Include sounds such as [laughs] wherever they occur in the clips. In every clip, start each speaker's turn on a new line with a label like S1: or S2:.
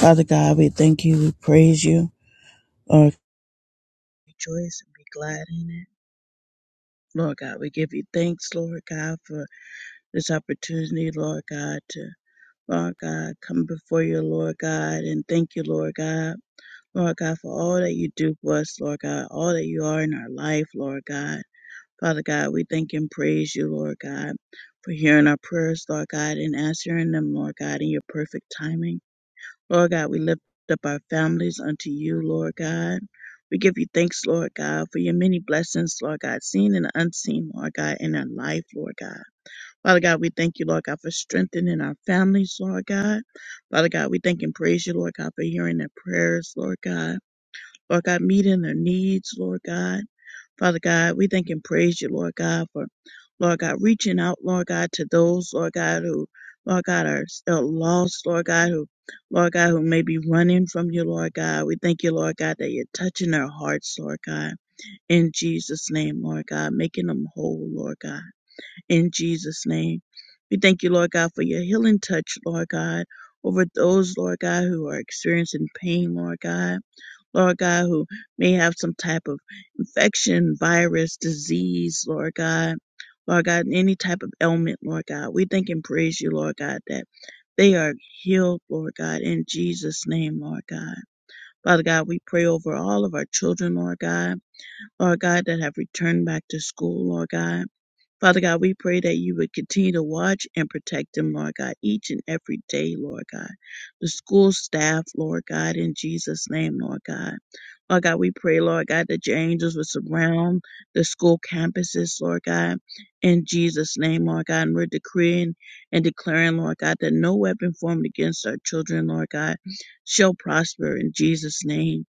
S1: Father God, we thank you. We praise you. Lord, rejoice and be glad in it. Lord God, we give you thanks, Lord God, for this opportunity, Lord God, to, Lord God, come before you, Lord God, and thank you, Lord God. Lord God, for all that you do for us, Lord God, all that you are in our life, Lord God. Father God, we thank and praise you, Lord God, for hearing our prayers, Lord God, and answering them, Lord God, in your perfect timing. Lord God, we lift up our families unto you, Lord God. We give you thanks, Lord God, for your many blessings, Lord God, seen and unseen, Lord God, in our life, Lord God. Father God, we thank you, Lord God, for strengthening our families, Lord God. Father God, we thank and praise you, Lord God, for hearing their prayers, Lord God. Lord God, meeting their needs, Lord God. Father God, we thank and praise you, Lord God, for Lord God reaching out, Lord God, to those, Lord God, who Lord God are still lost, Lord God, who Lord God, who may be running from you, Lord God. We thank you, Lord God, that you're touching their hearts, Lord God. In Jesus' name, Lord God, making them whole, Lord God. In Jesus' name. We thank you, Lord God, for your healing touch, Lord God, over those, Lord God, who are experiencing pain, Lord God. Lord God, who may have some type of infection, virus, disease, Lord God. Lord God, any type of ailment, Lord God. We thank and praise you, Lord God, that they are healed, Lord God, in Jesus' name, Lord God. Father God, we pray over all of our children, Lord God. Lord God, that have returned back to school, Lord God. Father God, we pray that you would continue to watch and protect them, Lord God, each and every day, Lord God. The school staff, Lord God, in Jesus' name, Lord God. Lord God, we pray, Lord God, that your angels would surround the school campuses, Lord God, in Jesus' name, Lord God. And we're decreeing and declaring, Lord God, that no weapon formed against our children, Lord God, shall prosper in Jesus' name.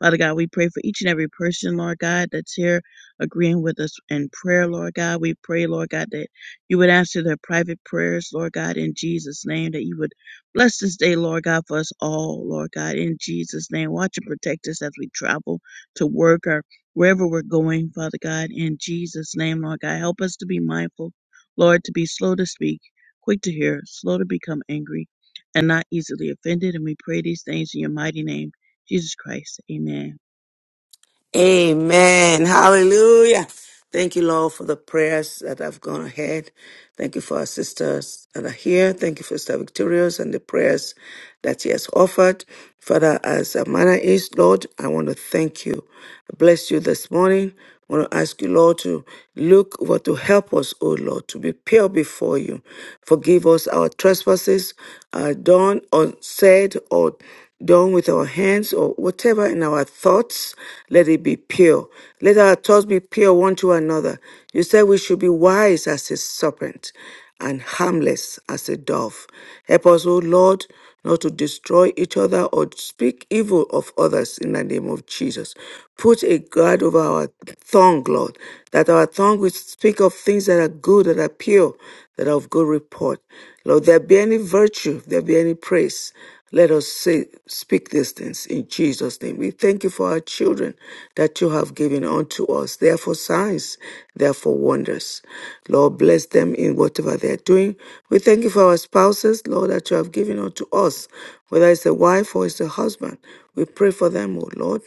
S1: Father God, we pray for each and every person, Lord God, that's here agreeing with us in prayer, Lord God. We pray, Lord God, that you would answer their private prayers, Lord God, in Jesus' name, that you would bless this day, Lord God, for us all, Lord God, in Jesus' name. Watch and protect us as we travel to work or wherever we're going, Father God, in Jesus' name, Lord God. Help us to be mindful, Lord, to be slow to speak, quick to hear, slow to become angry, and not easily offended. And we pray these things in your mighty name, Jesus Christ. Amen.
S2: Amen. Hallelujah. Thank you, Lord, for the prayers that have gone ahead. Thank you for our sisters that are here. Thank you for Sister Victorious and the prayers that she has offered. Father, as a manner is, Lord, I want to thank you. I bless you this morning. I want to ask you, Lord, to look over to help us, O Lord, to be pure before you. Forgive us our trespasses, uh, done, unsaid, or done with our hands or whatever in our thoughts, let it be pure. Let our thoughts be pure one to another. You said we should be wise as a serpent and harmless as a dove. Help us, O Lord, not to destroy each other or speak evil of others in the name of Jesus. Put a guard over our tongue, Lord, that our tongue will speak of things that are good, that are pure, that are of good report. Lord, there be any virtue, there be any praise. Let us say, speak these things in Jesus' name. We thank you for our children that you have given unto us. They are for signs, they are for wonders. Lord, bless them in whatever they are doing. We thank you for our spouses, Lord, that you have given unto us, whether it's a wife or it's a husband. We pray for them, O Lord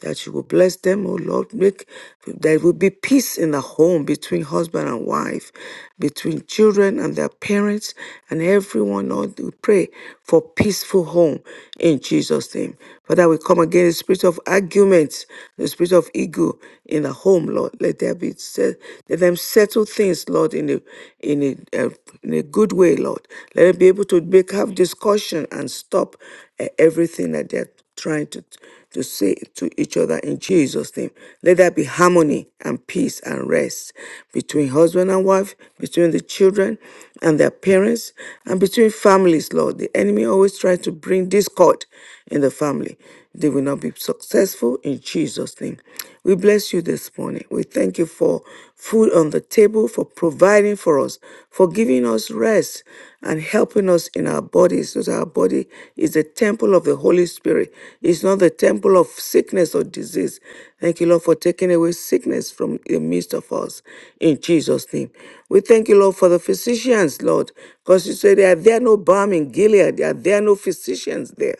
S2: that you will bless them, O Lord. Make there will be peace in the home between husband and wife, between children and their parents, and everyone. Lord, we pray for peaceful home in Jesus' name. Father, we come against the spirit of arguments, the spirit of ego in the home, Lord. Let there be set, let them settle things, Lord, in a in a uh, in a good way, Lord. Let them be able to make have discussion and stop uh, everything that they're trying to, to say to each other in Jesus' name. Let there be harmony and peace and rest between husband and wife, between the children and their parents, and between families, Lord. The enemy always tries to bring discord in the family. They will not be successful in Jesus' name. We bless you this morning. We thank you for food on the table, for providing for us, for giving us rest and helping us in our bodies, so that our body is a temple of the the Holy Spirit. It's not the temple of sickness or disease. Thank you, Lord, for taking away sickness from the midst of us in Jesus' name. We thank you, Lord, for the physicians, Lord, because you said there are there no balm in Gilead, there are there no physicians there.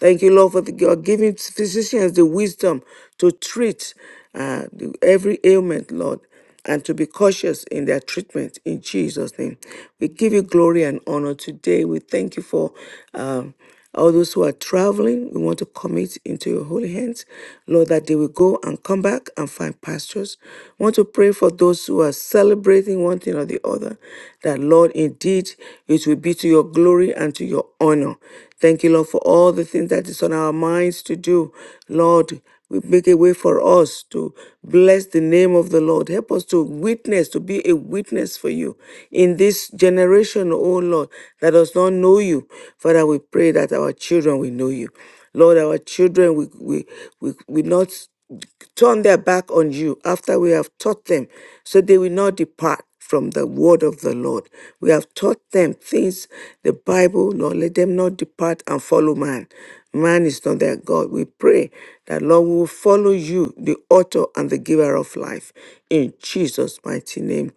S2: Thank you, Lord, for the, you're giving physicians the wisdom to treat uh, the- every ailment, Lord and to be cautious in their treatment in Jesus' name. We give you glory and honor today. We thank you for um, all those who are traveling. We want to commit into your holy hands, Lord, that they will go and come back and find pastures. We want to pray for those who are celebrating one thing or the other, that, Lord, indeed it will be to your glory and to your honor. Thank you, Lord, for all the things that is on our minds to do. Lord, we make a way for us to bless the name of the Lord. Help us to witness, to be a witness for you in this generation, oh Lord, that does not know you. Father, we pray that our children will know you. Lord, our children will we, we, we not turn their back on you after we have taught them so they will not depart from the word of the Lord. We have taught them things, the Bible, Lord, let them not depart and follow man. Man is not their God. We pray that, Lord, we will follow you, the author and the giver of life. In Jesus' mighty name,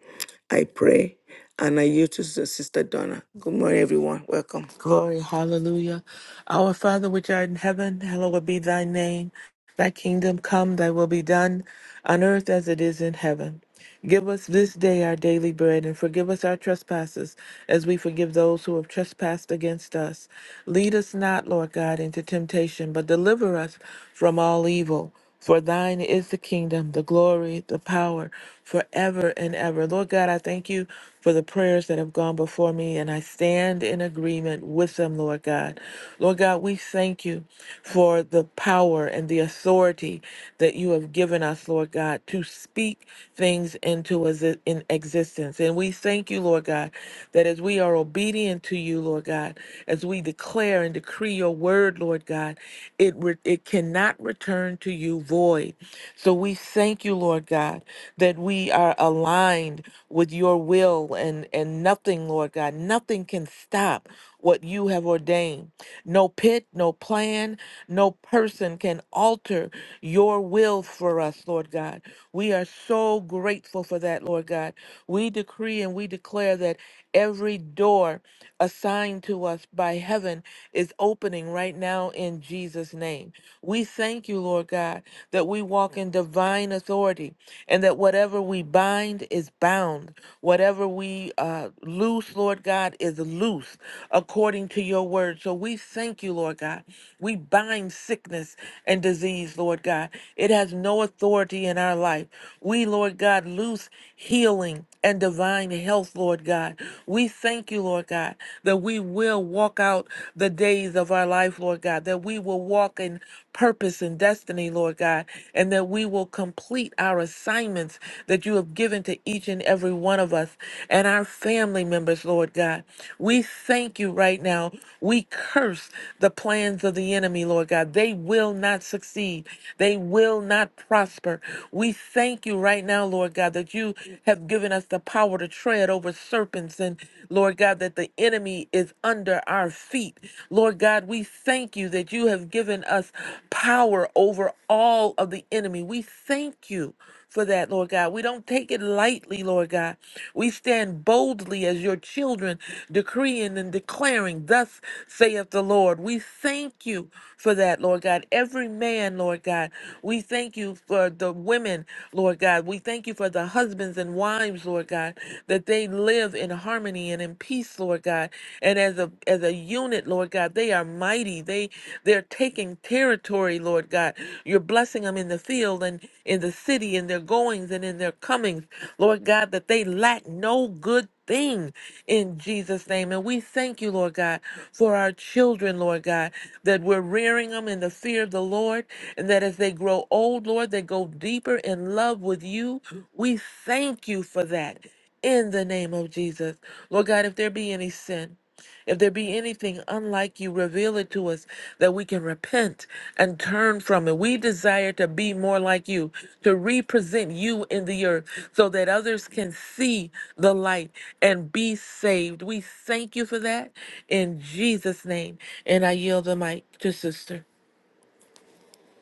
S2: I pray. And I yield to Sister Donna. Good morning, everyone. Welcome.
S3: Glory, hallelujah. Our Father which art in heaven, hallowed be thy name. Thy kingdom come, thy will be done on earth as it is in heaven. Give us this day our daily bread and forgive us our trespasses as we forgive those who have trespassed against us. Lead us not, Lord God, into temptation, but deliver us from all evil. For thine is the kingdom, the glory, the power forever and ever. Lord God, I thank you for the prayers that have gone before me, and I stand in agreement with them, Lord God. Lord God, we thank you for the power and the authority that you have given us, Lord God, to speak things into as in existence. And we thank you, Lord God, that as we are obedient to you, Lord God, as we declare and decree your word, Lord God, it re- it cannot return to you void. So we thank you, Lord God, that we are aligned with your will and and nothing, Lord God, nothing can stop what you have ordained. No pit, no plan, no person can alter your will for us, Lord God. We are so grateful for that, Lord God. We decree and we declare that every door assigned to us by heaven is opening right now in Jesus' name. We thank you, Lord God that we walk in divine authority and that whatever we bind is bound, whatever we uh, loose, Lord God, is loose according to your word. So we thank you, Lord God. We bind sickness and disease, Lord God. It has no authority in our life. We, Lord God, loose healing and divine health, Lord God. We thank you, Lord God, that we will walk out the days of our life, Lord God, that we will walk in purpose and destiny, Lord God, and that we will complete our assignments that you have given to each and every one of us and our family members, Lord God. We thank you right now. We curse the plans of the enemy, Lord God. They will not succeed, they will not prosper. We thank you right now, Lord God, that you have given us the power to tread over serpents and, Lord God, that the enemy is under our feet. Lord God, God, we thank you that you have given us power over all of the enemy. We thank you for that, Lord God. We don't take it lightly, Lord God. We stand boldly as your children, decreeing and declaring, Thus saith the Lord. We thank you for that, Lord God. Every man, Lord God, we thank you for the women, Lord God. We thank you for the husbands and wives, Lord God, that they live in harmony and in peace, Lord God. And as a as a unit, Lord God, they are mighty. They they're taking territory, Lord God. You're blessing them in the field and in the city, in their goings and in their comings, Lord God, that they lack no good thing in Jesus' name. And we thank you, Lord God, for our children, Lord God, that we're rearing them in the fear of the Lord, and that as they grow old, Lord, they go deeper in love with you. We thank you for that in the name of Jesus. Lord God, if there be any sin, if there be anything unlike you, reveal it to us that we can repent and turn from it. We desire to be more like you, to represent you in the earth so that others can see the light and be saved. We thank you for that in Jesus' name. And I yield the mic to sister.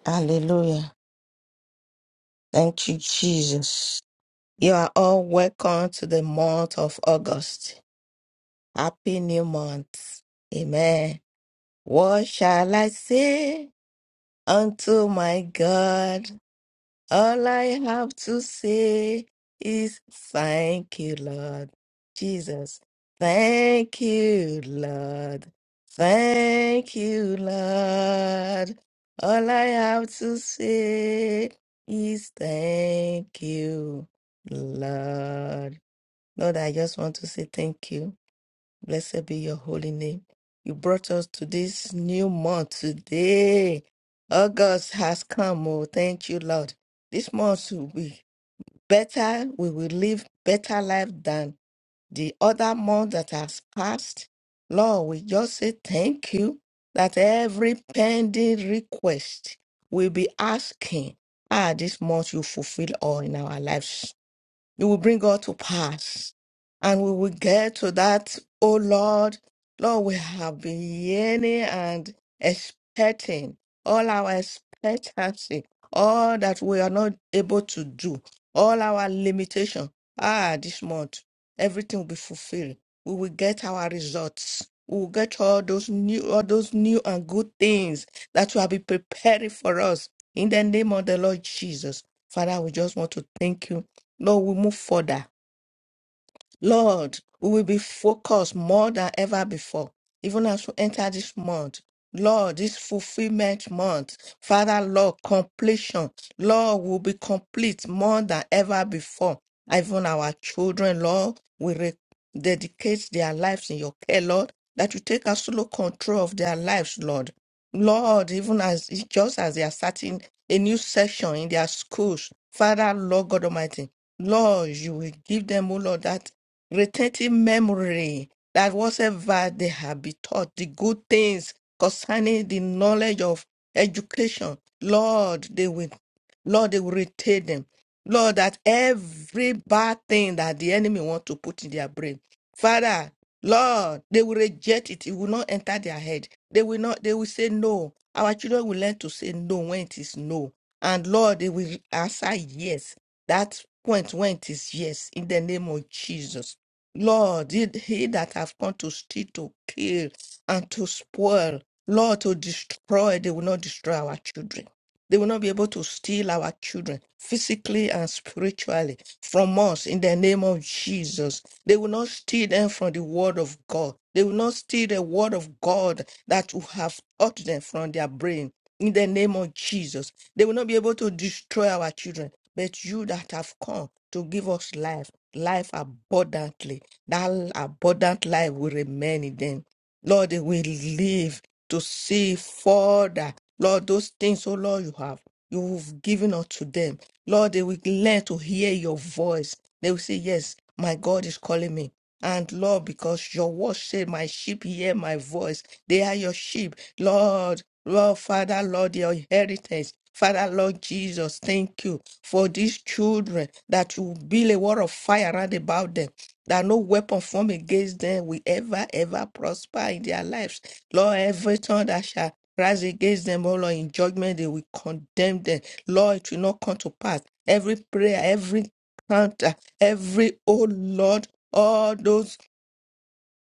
S4: Hallelujah. Thank you, Jesus. You are all welcome to the month of August. Happy new month. Amen. What shall I say unto my God? All I have to say is thank you, Lord Jesus. Thank you, Lord. Thank you, Lord. All I have to say is thank you, Lord. Lord, I just want to say thank you. Blessed be your holy name. You brought us to this new month today. August has come. Oh, thank you, Lord. This month will be better. We will live better life than the other month that has passed. Lord, we just say thank you that every pending request we be asking. Ah, this month you fulfill all in our lives. You will bring all to pass. And we will get to that, oh Lord. Lord, we have been yearning and expecting all our expectancy, all that we are not able to do, all our limitation. Ah, this month, everything will be fulfilled. We will get our results. We will get all those new, all those new and good things that you have been preparing for us. In the name of the Lord Jesus, Father, we just want to thank you Lord, we move further. Lord, we will be focused more than ever before, even as we enter this month. Lord, this fulfillment month, Father, Lord, completion. Lord, will be complete more than ever before. Even our children, Lord, we re- dedicate their lives in your care, Lord, that you take absolute control of their lives, Lord. Lord, even as just as they are starting a new session in their schools, Father, Lord God Almighty, Lord, you will give them, oh Lord, that retaining memory that whatever they have been taught, the good things concerning the knowledge of education, Lord, they will, Lord, they will retain them. Lord, that every bad thing that the enemy want to put in their brain, Father, Lord, they will reject it. It will not enter their head. They will not. They will say no. Our children will learn to say no when it is no, and Lord, they will answer yes. That point when it is yes, in the name of Jesus. Lord, he he that have come to steal, to kill, and to spoil, Lord, to destroy, they will not destroy our children. They will not be able to steal our children physically and spiritually from us in the name of Jesus. They will not steal them from the word of God. They will not steal the word of God that you have taught them from their brain in the name of Jesus. They will not be able to destroy our children. But you that have come to give us life, life abundantly that abundant life will remain in them. Lord, they will live to see further. Lord, those things, oh Lord, you have you've given unto them. Lord, they will learn to hear your voice. They will say, Yes, my God is calling me. And Lord, because your word said, My sheep hear my voice. They are your sheep. Lord, Lord, Father, Lord, your inheritance. Father, Lord Jesus, thank you for these children that you build a wall of fire around about them that no weapon formed against them will ever, ever prosper in their lives. Lord, every tongue that shall rise against them, oh Lord, in judgment, they will condemn them. Lord, it will not come to pass. Every prayer, every counter, every, oh Lord, all those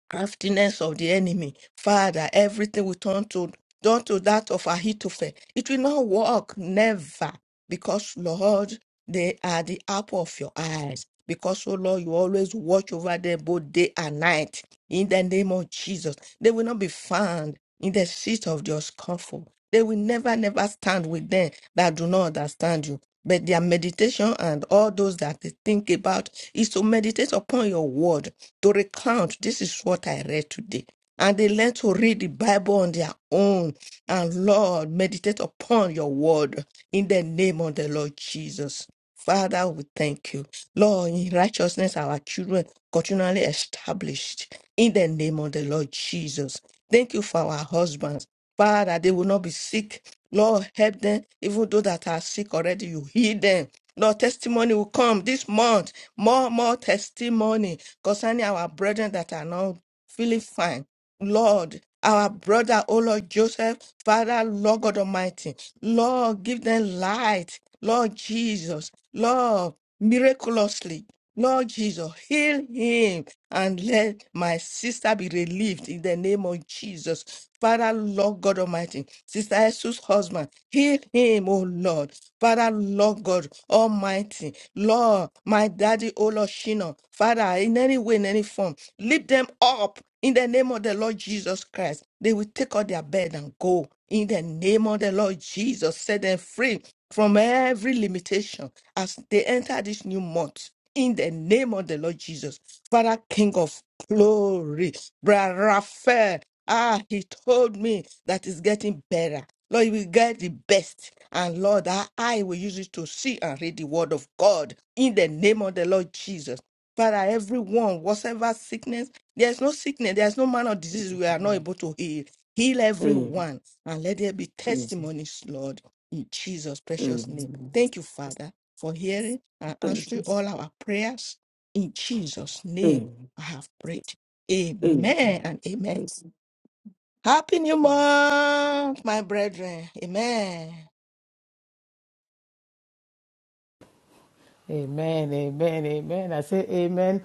S4: craftiness of the enemy. Father, everything we turn to turn to that of Ahithophel. It will not work, never, because Lord, they are the apple of your eyes. Because, oh Lord, you always watch over them both day and night. In the name of Jesus, they will not be found in the seat of your scornful. They will never, never stand with them that do not understand you. But their meditation and all those that they think about is to meditate upon your word to recount this is what I read today. And they learn to read the Bible on their own. And Lord, meditate upon your word in the name of the Lord Jesus. Father, we thank you. Lord, in righteousness, our children continually established in the name of the Lord Jesus. Thank you for our husbands. Father, they will not be sick. Lord, help them, even those that are sick already, you heal them. Lord, testimony will come this month. More, more testimony concerning our brethren that are now feeling fine Lord, our brother, oh Lord Joseph, Father, Lord God Almighty, Lord, give them light, Lord Jesus, Lord, miraculously, Lord Jesus, heal him and let my sister be relieved in the name of Jesus. Father, Lord God Almighty, Sister Jesus' husband, heal. Forgive him, O Lord. Father, Lord God Almighty, Lord, my daddy, O Lord Shino, Father, in any way, in any form, lift them up in the name of the Lord Jesus Christ. They will take out their bed and go. In the name of the Lord Jesus, set them free from every limitation as they enter this new month. In the name of the Lord Jesus, Father, King of glory, Brother Raphael, ah, he told me that it's getting better. Lord, you will get the best. And Lord, our eye will use it to see and read the word of God in the name of the Lord Jesus. Father, everyone, whatever sickness, there's no sickness, there's no man of disease we are not able to heal. Heal
S2: Mm,
S4: everyone and let there be
S2: mm,
S4: testimonies, Lord, in Jesus' precious name.
S2: mm.
S4: Thank you, Father, for hearing and
S2: Thank
S4: answering
S2: you.
S4: all our prayers. In Jesus' name,
S2: Mm,
S4: I have prayed.
S2: mm,
S4: Amen and amen.
S2: mm.
S4: Happy new month, my brethren. Amen.
S5: Amen, amen, amen. I say amen.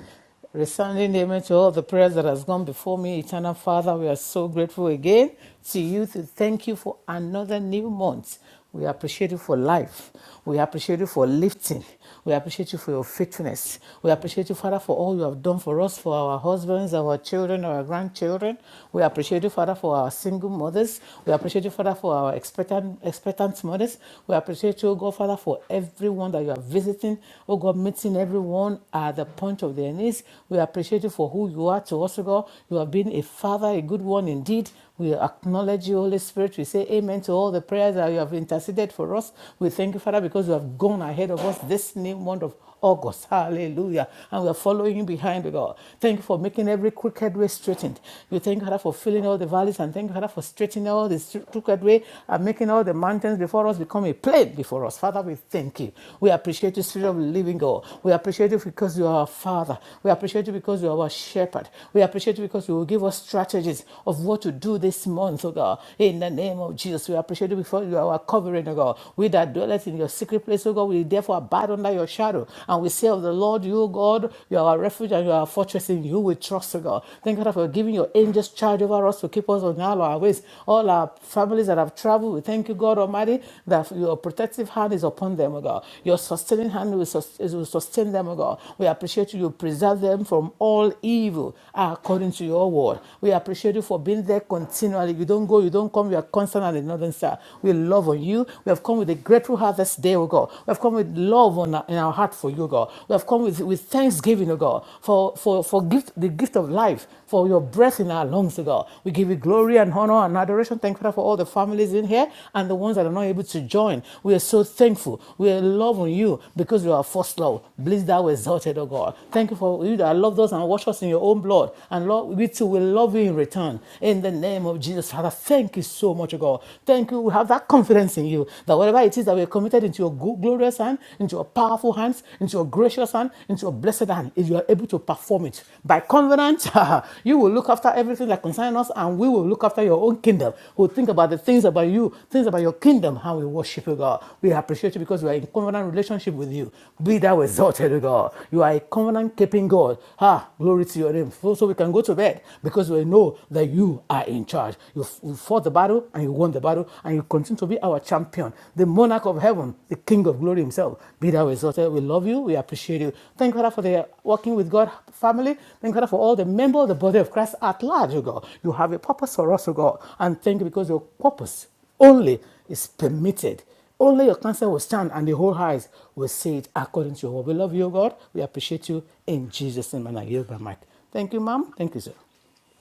S5: Resounding amen to all the prayers that has gone before me. Eternal Father, we are so grateful again to you to thank you for another new month. We appreciate you for life. We appreciate you for lifting. We appreciate you for your faithfulness. We appreciate you, Father, for all you have done for us, for our husbands, our children, our grandchildren. We appreciate you, Father, for our single mothers. We appreciate you, Father, for our expectant, expectant mothers mothers. We appreciate you, oh God, Father, for everyone that you are visiting. Oh God, meeting everyone at the point of their needs. We appreciate you for who you are to us, oh God. You have been a father, a good one indeed. We acknowledge you, Holy Spirit. We say amen to all the prayers that you have interceded for us. We thank you, Father, because you have gone ahead of us this new month of August. Hallelujah. And we're following behind, oh God. Thank you for making every crooked way straightened. We thank God for filling all the valleys and thank God for straightening all the crooked way and making all the mountains before us become a plain before us. Father, we thank you. We appreciate you, Spirit of the Living God. We appreciate you because you are our Father. We appreciate you because you are our Shepherd. We appreciate you because you will give us strategies of what to do this month, oh God. In the name of Jesus, we appreciate you before you are our covering, oh God. We that dwelleth in your secret place place, O God, we therefore abide under your shadow. And we say of the Lord, you, O God, you are our refuge and you are our fortress in you we trust, O God. Thank God for giving your angels charge over us to keep us on all our ways. All our families that have traveled, we thank you, God Almighty, that your protective hand is upon them, O God. Your sustaining hand will sus- will sustain them, O God. We appreciate you. You preserve them from all evil according to your word. We appreciate you for being there continually. You don't go, you don't come, you are constant and in northern star. We love on you. We have come with a grateful harvest day, O God. We have come with love on our, in our heart for you, O God. We have come with, with thanksgiving, O God, for, for, for gift, the gift of life, for your breath in our lungs, O God. We give you glory and honor and adoration. Thank you Father, for all the families in here and the ones that are not able to join. We are so thankful. We are love on you because you are our first love. Bless thou exalted, O God. Thank you for you that loved us and washed us in your own blood. And Lord, we too will love you in return. In the name of Jesus, Father, thank you so much, O God you, God. Thank you. We have that confidence in you that whatever it is that we have committed into your glo- glorious hand, into your powerful hands, into your gracious hand, into your blessed hand, if you are able to perform it. By covenant, [laughs] you will look after everything that concerns us, and we will look after your own kingdom. We'll think about the things about you, things about your kingdom, how we worship you, God. We appreciate you because we are in covenant relationship with you. Be thou exalted, O God. You are a covenant keeping God. Ah, glory to your name. So, so we can go to bed because we know that you are in in charge. You, you fought the battle and you won the battle and you continue to be our champion, the monarch of heaven, the king of glory himself. Be thou exalted. We love you. We appreciate you. Thank God for the Walking with God family. Thank God for all the members of the body of Christ at large, oh God. You have a purpose for us, oh God. And thank you because your purpose only is permitted. Only your counsel will stand and the whole eyes will see it according to your word. We love you, O God. We appreciate you in Jesus' name. And I yield my mic. Thank you, ma'am. Thank you, sir.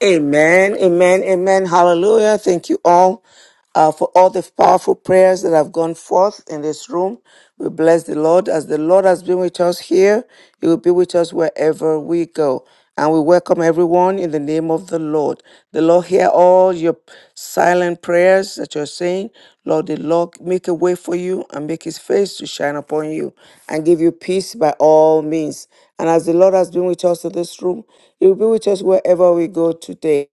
S2: Amen, amen, amen. Hallelujah. Thank you all uh, for all the powerful prayers that have gone forth in this room. We bless the Lord. As the Lord has been with us here, He will be with us wherever we go. And we welcome everyone in the name of the Lord. The Lord, hear all your silent prayers that you're saying. Lord, the Lord make a way for you and make his face to shine upon you and give you peace by all means. And as the Lord has been with us in this room, he will be with us wherever we go today.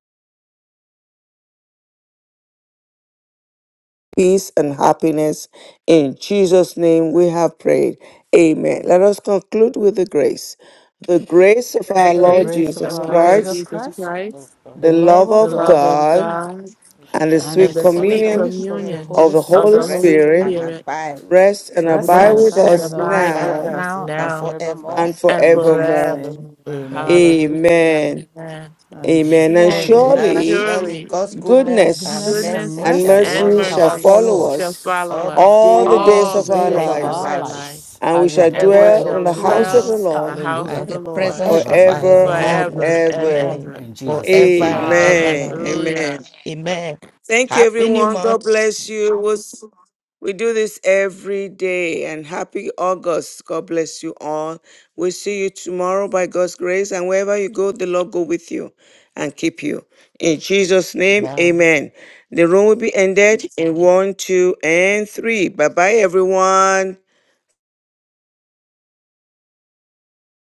S2: peace and happiness. In Jesus' name we have prayed. Amen. Let us conclude with the grace. The grace of our
S5: The
S2: Lord
S3: Grace
S5: grace of
S2: Jesus
S3: of
S5: our
S3: our
S5: Lord
S3: Lord
S5: Jesus
S2: Christ,
S3: Jesus
S5: Christ,
S3: Christ,
S5: the
S2: the
S5: love
S2: love
S5: of
S3: the
S2: of
S3: love
S5: God,
S3: of
S2: God,
S3: God
S2: and the
S5: and the
S3: and
S2: sweet
S3: the
S4: Fellowship of
S5: sweet
S4: the
S3: sweet
S4: Holy
S2: communion
S5: fellowship of the
S4: Spirit,
S2: of
S3: communion
S5: Holy
S2: the
S3: of
S2: Holy
S3: the
S5: Spirit
S3: Holy
S4: rest
S2: Spirit
S4: and
S3: Spirit
S4: abide
S2: rest and
S4: with
S5: rest
S2: abide
S5: and
S2: with
S3: rest
S5: abide
S4: us
S3: and
S5: with
S2: us
S3: abide
S5: us
S3: with
S4: now
S2: now
S3: us
S5: now
S4: and
S5: and
S3: now
S4: forever.
S5: forevermore.
S2: and
S3: and
S5: In Jesus'
S2: forevermore.
S5: name,
S3: forevermore.
S5: amen.
S4: Amen.
S3: Hallelujah.
S2: Amen.
S3: Amen.
S5: And
S2: Amen. And
S3: And
S5: surely
S4: And
S2: surely
S4: surely
S3: surely
S4: God's goodness and
S5: goodness
S2: goodness
S5: and
S3: goodness
S4: mercy
S2: and
S4: shall
S5: mercy
S3: and
S2: mercy
S4: follow
S5: shall
S2: shall
S3: mercy
S5: follow
S4: us
S2: follow
S3: shall
S2: us
S5: us
S3: follow
S4: all the
S3: us
S2: all the
S5: all
S2: days
S3: all
S5: the
S4: days
S2: of
S3: the
S2: our
S5: days
S4: of
S3: days
S5: of
S4: our
S3: of
S2: lives
S5: our
S3: our
S4: lives.
S3: life,
S5: lives
S2: and we
S5: as
S4: We
S5: we
S4: Shall
S2: shall
S3: and
S5: dwell
S3: we
S5: in
S2: dwell
S4: dwell
S5: your
S4: in
S2: in
S3: shall
S2: the
S4: the
S2: house of
S4: house
S2: the
S3: dwell
S5: presence.
S3: in the
S2: Lord
S3: house
S5: Hallelujah.
S4: and
S3: of the
S4: the
S3: Lord
S4: presence
S5: Forever
S4: of
S5: and
S4: our
S5: ever,
S2: forever and
S4: Lord
S5: Lord.
S4: will
S3: forever and
S4: dwell
S2: ever.
S4: in
S3: ever.
S5: In Jesus' name,
S4: forever and ever
S5: amen.
S2: Amen.
S4: and ever.
S3: Hallelujah.
S2: Amen.
S4: Amen.
S2: Thank you,
S4: Happy new
S2: everyone. God
S4: month
S2: bless you. We'll s- We do this every day. And happy August. God bless you all. We'll see you tomorrow by God's grace. And wherever you go, the Lord go with you and keep you. In Jesus' name,
S4: now.
S2: amen. The room will be ended in one, two, and three. Bye bye, everyone.